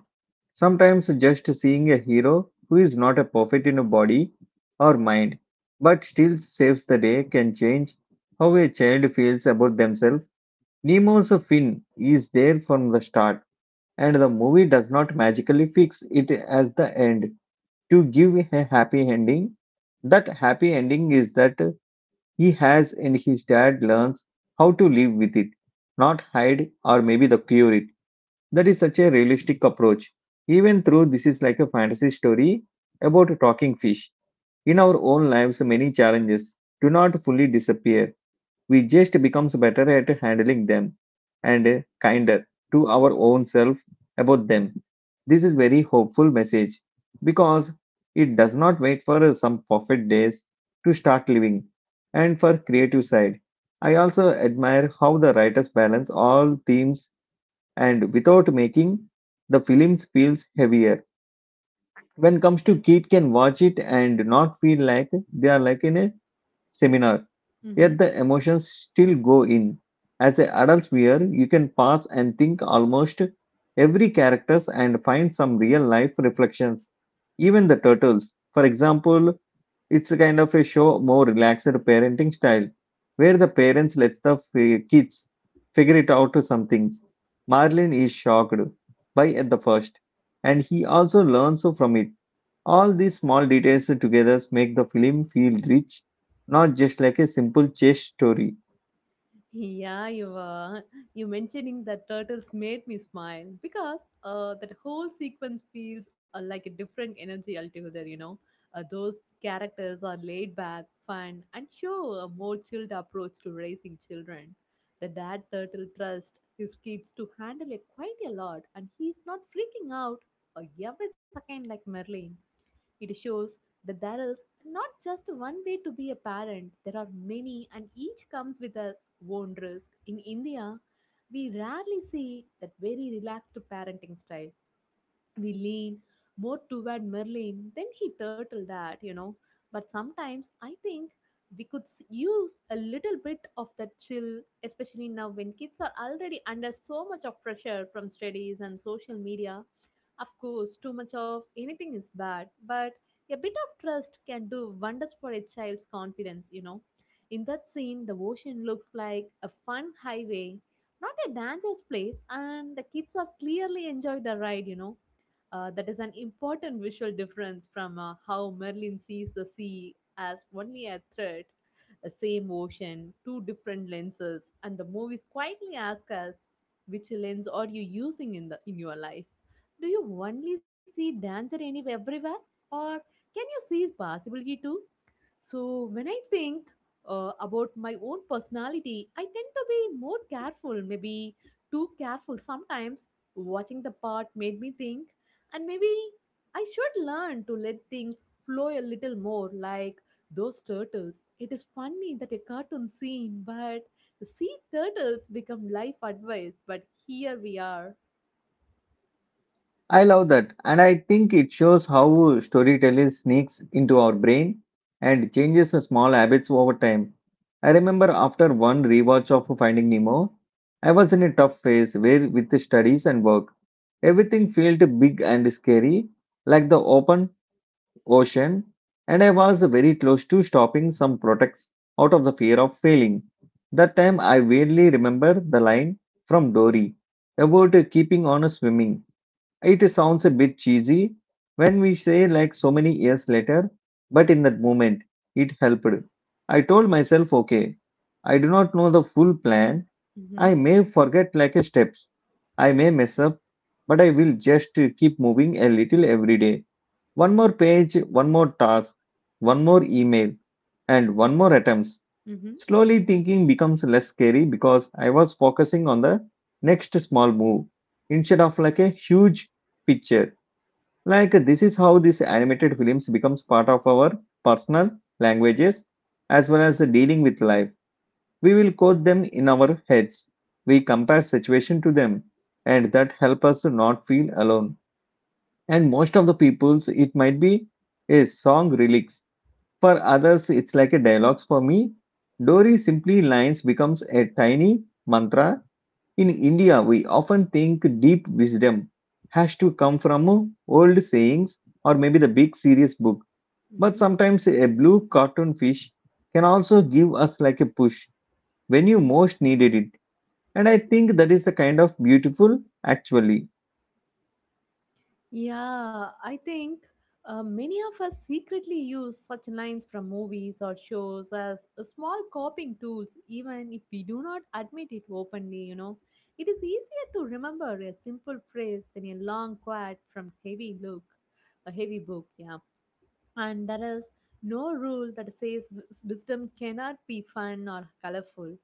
Sometimes just seeing a hero who is not a perfect in a body or mind but still saves the day can change how a child feels about themselves. Nemo's fin is there from the start, and the movie does not magically fix it at the end to give a happy ending. That happy ending is that he has and his dad learns how to live with it, not hide or maybe the cure it. That is such a realistic approach. Even though this is like a fantasy story about a talking fish, in our own lives many challenges do not fully disappear. We just becomes better at handling them and kinder to our own self about them. This is very hopeful message because it does not wait for some perfect days to start living. And for creative side, I also admire how the writers balance all themes and without making the films feels heavier when comes to kid can watch it and not feel like they are like in a seminar. Yet
Mm-hmm.
the emotions still go in. As an adult viewer, you can pause and think almost every characters and find some real life reflections. Even the turtles, for example, it's a kind of a show more relaxed parenting style, where the parents let the kids figure it out to some things. Marlin is shocked by at the first, and he also learns from it. All these small details together make the film feel rich, not just like a simple chase story.
Yeah, you were. You mentioning that turtles made me smile because that whole sequence feels like a different energy altogether. You know, those characters are laid back, fun, and show a more chilled approach to raising children. The dad turtle trusts his kids to handle it quite a lot, and he's not freaking out every second like Merlin. It shows that there is not just one way to be a parent, there are many, and each comes with its own risk. In India, we rarely see that very relaxed parenting style. We lean more toward Merlin than he turtled at, But sometimes I think we could use a little bit of that chill, especially now when kids are already under so much of pressure from studies and social media. Of course, too much of anything is bad, but a bit of trust can do wonders for a child's confidence, In that scene, the ocean looks like a fun highway, not a dangerous place, and the kids are clearly enjoy the ride, you know. That is an important visual difference from how Merlin sees the sea as only a threat, the same ocean, two different lenses, and the movies quietly ask us, which lens are you using in your life? Do you only see danger anywhere everywhere, or can you see possibility too? So, when I think about my own personality, I tend to be more careful, maybe too careful sometimes. Watching the part made me think, and maybe I should learn to let things flow a little more, like those turtles. It is funny that a cartoon scene, but the sea turtles become life advice. But here we are.
I love that, and I think it shows how storytelling sneaks into our brain and changes the small habits over time. I remember after one rewatch of Finding Nemo, I was in a tough phase where with the studies and work, everything felt big and scary, like the open ocean, and I was very close to stopping some products out of the fear of failing. That time I vaguely remember the line from Dory about keeping on swimming. It sounds a bit cheesy when we say like so many years later, but in that moment it helped. I told myself, okay, I do not know the full plan.
Mm-hmm,
I may forget like a steps. I may mess up, but I will just keep moving a little every day, one more page, one more task, one more email, and one more attempts.
mm-hmm,
Slowly thinking becomes less scary because I was focusing on the next small move instead of like a huge picture. Like this is how these animated films becomes part of our personal languages as well as dealing with life. We will quote them in our heads. We compare situation to them, and that help us not feel alone. And most of the people's it might be a song lyrics, for others it's like a dialogues. For me, Dori simply lines becomes a tiny mantra. In India, we often think deep wisdom has to come from old sayings or maybe the big serious book. But
mm-hmm.
sometimes a blue cartoon fish can also give us like a push when you most needed it, and I think that is the kind of beautiful actually.
Yeah, I think many of us secretly use such lines from movies or shows as a small coping tools, even if we do not admit it openly, It is easier to remember a simple phrase than a long quote from a heavy book, yeah. And there is no rule that says wisdom cannot be fun or colorful.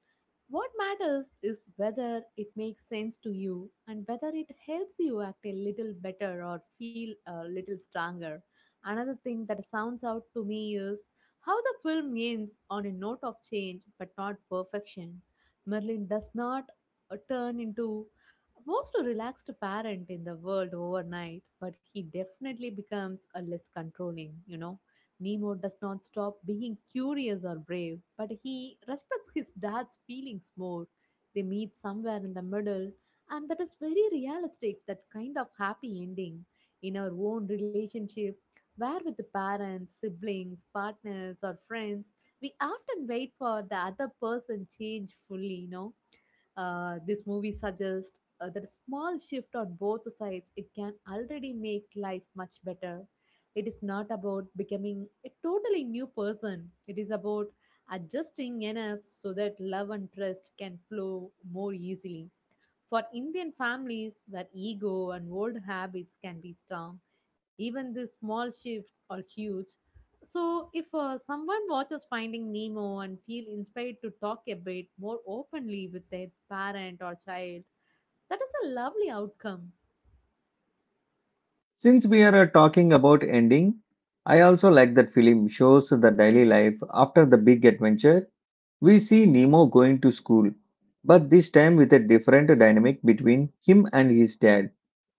What matters is whether it makes sense to you and whether it helps you act a little better or feel a little stronger. Another thing that sounds out to me is how the film ends on a note of change but not perfection. Merlin does not turn into most relaxed parent in the world overnight, but he definitely becomes a less controlling, Nemo does not stop being curious or brave, but he respects his dad's feelings more. They meet somewhere in the middle, and that is very realistic, that kind of happy ending in our own relationship, where with the parents, siblings, partners, or friends, we often wait for the other person change fully, you know. This movie suggests that small shift on both sides, it can already make life much better. It is not about becoming a totally new person, it is about adjusting enough so that love and trust can flow more easily. For indian families where ego and old habits can be strong, even the small shifts are huge. So if someone watches finding nemo and feel inspired to talk a bit more openly with their parent or child, that is a lovely outcome.
Since we are talking about ending, I also like that film shows the daily life after the big adventure. We see Nemo going to school, but this time with a different dynamic between him and his dad.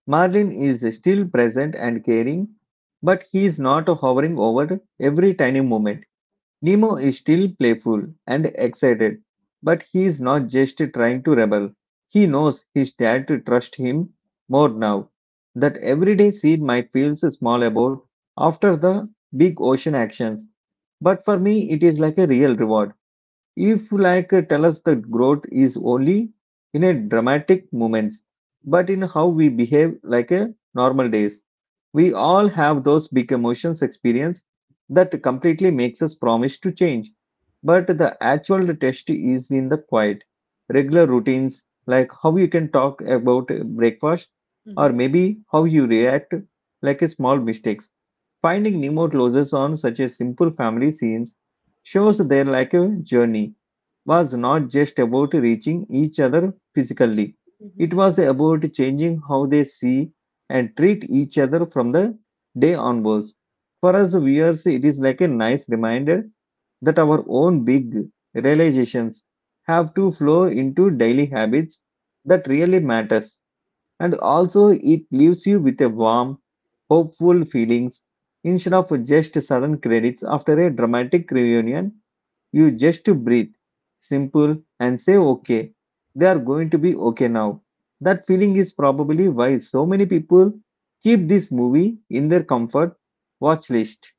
Marlin is still present and caring, but he is not hovering over every tiny moment. Nemo is still playful and excited, but he is not just trying to rebel. He knows his dad trusts him more now. That everyday seed might feel small about after the big ocean actions, but for me it is like a real reward. If like tell us that growth is only in a dramatic moments, but in how we behave like a normal days. We all have those big emotions experience that completely makes us promise to change. But the actual test is in the quiet, regular routines like how you can talk about breakfast or
Hmm.
maybe how you react like a small mistakes. Finding Nemo closes on such a simple family scenes shows their like a journey was not just about reaching each other physically.
Hmm.
It was about changing how they see and treat each other from the day onwards. For us viewers, it is like a nice reminder that our own big realizations have to flow into daily habits that really matters. And also it leaves you with a warm, hopeful feelings instead of just sudden credits after a dramatic reunion. You just to breathe, simple, and say, okay, they are going to be okay now. That feeling is probably why so many people keep this movie in their comfort watch list.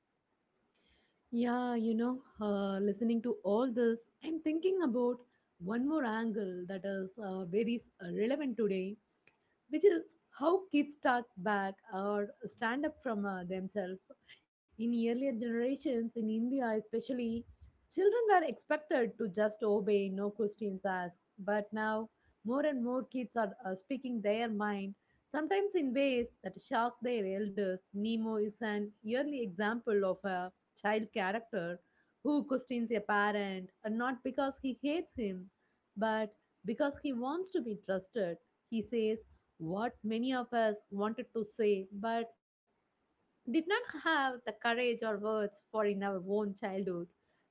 Yeah, listening to all this, I'm thinking about one more angle that is very relevant today, which is how kids talk back or stand up from themselves. In earlier generations, in India especially, children were expected to just obey, no questions asked. But now, more and more kids are speaking their mind, sometimes in ways that shock their elders. Nemo is an early example of a child character who questions a parent, and not because he hates him, but because he wants to be trusted. He says, what many of us wanted to say but did not have the courage or words for in our own childhood.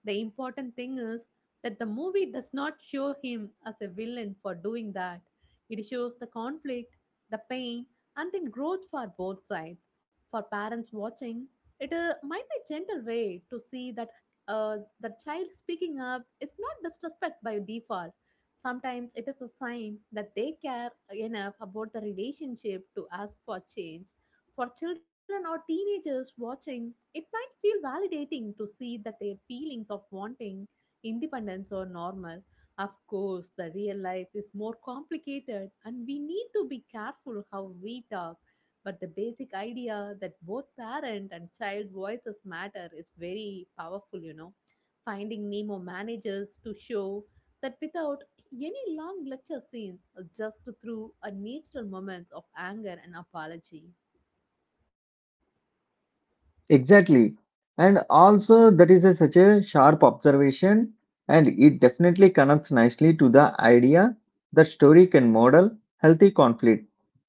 The important thing is that the movie does not show him as a villain for doing that. It shows the conflict, the pain, and then growth for both sides. For parents watching, it might be a gentle way to see that the child speaking up is not disrespect by default. Sometimes it is a sign that they care enough about the relationship to ask for change. For children or teenagers watching, it might feel validating to see that their feelings of wanting independence are normal. Of course, the real life is more complicated and we need to be careful how we talk. But the basic idea that both parent and child voices matter is very powerful, Finding Nemo manages to show that without any long lecture scenes, just through a natural moments of anger and apology.
Exactly. And also, that is such a sharp observation, and it definitely connects nicely to the idea that story can model healthy conflict.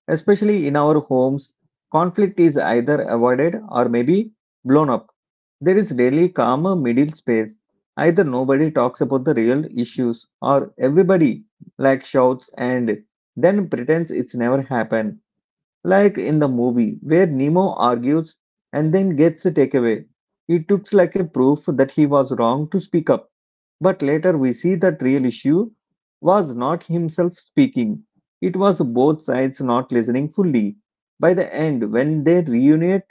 Especially in our homes, conflict is either avoided or maybe blown up. There is rarely calmer middle space. Either nobody talks about the real issues or everybody like shouts and then pretends it's never happened. Like in the movie where Nemo argues and then gets a takeaway. It looks like a proof that he was wrong to speak up. But later we see that real issue was not himself speaking. It was both sides not listening fully. By the end, when they reunite,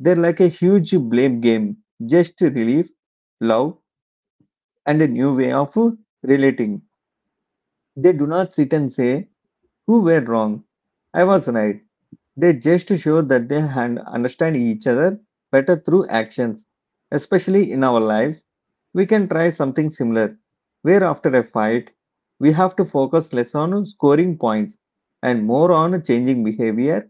they're like a huge blame game. Just relief, love, and a new way of relating. They do not sit and say, "Who were wrong? I
Mhm,
was right." They just show that they understand each other better through actions. Especially in our lives, we can try something similar, where after a fight, we have to focus less on scoring points and more on changing behavior.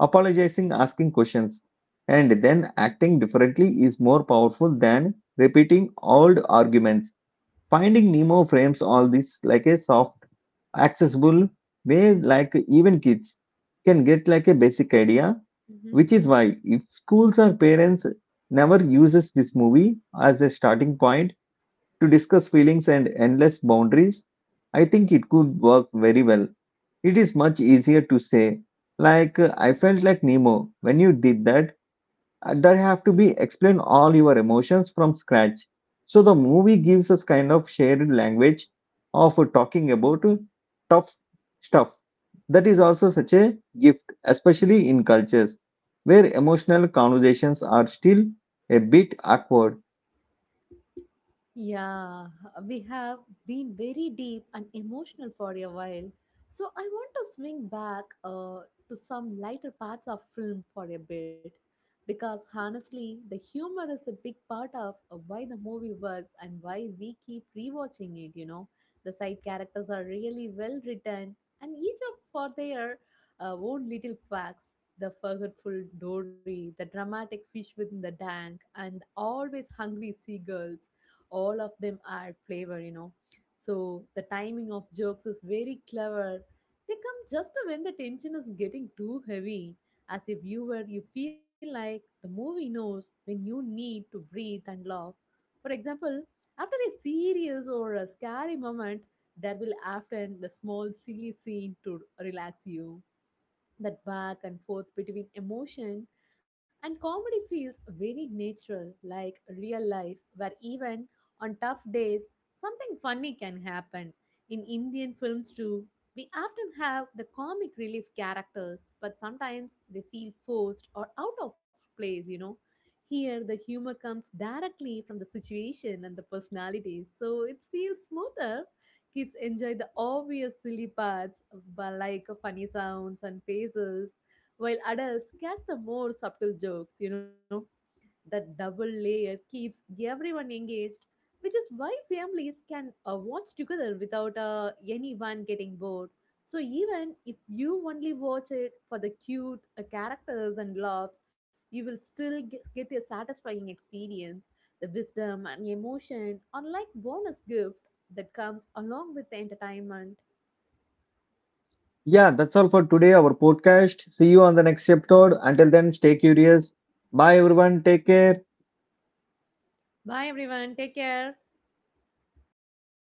Apologizing, asking questions, and then acting differently is more powerful than repeating old arguments. Finding Nemo frames all this like a soft, accessible way, like even kids can get like a basic idea.
mhm.
Which is why if schools or parents never uses this movie as a starting point to discuss feelings and endless boundaries, I think it could work very well. It is much easier to say, like I felt like Nemo when you did that, that have to be explain all your emotions from scratch. So the movie gives us kind of shared language of talking about tough stuff. That is also such a gift,
Wie.
especially in cultures where emotional conversations are still a bit awkward.
Yeah, we have been very deep and emotional for a while. So I want to swing back to some lighter parts of film for a bit. Because honestly, the humor is a big part of why the movie works and why we keep rewatching it, The side characters are really well written and each of for their own little quirks. The forgetful Dory, the dramatic fish within the tank, and the always hungry seagulls, all of them add flavor, you know. So the timing of jokes is very clever, they come just when the tension is getting too heavy. As a viewer you feel like the movie knows when you need to breathe and laugh. For example, after a serious or a scary moment, there will often the small silly scene to relax you. That back and forth between emotion and comedy feels very natural, like real life, where even on tough days, something funny can happen. In Indian films, too, we often have the comic relief characters, but sometimes they feel forced or out of place, Here, the humor comes directly from the situation and the personalities, so it feels smoother. Kids enjoy the obvious silly parts, but like funny sounds and faces, while adults catch the more subtle jokes, That double layer keeps everyone engaged, which is why families can watch together without anyone getting bored. So even if you only watch it for the cute characters and laughs, you will still get a satisfying experience. The wisdom and emotion are like bonus gift that comes along with the entertainment.
Yeah, that's all for today, our podcast. See you on the next episode. Until then, stay curious. Bye, everyone. Take care.
Bye everyone, take care.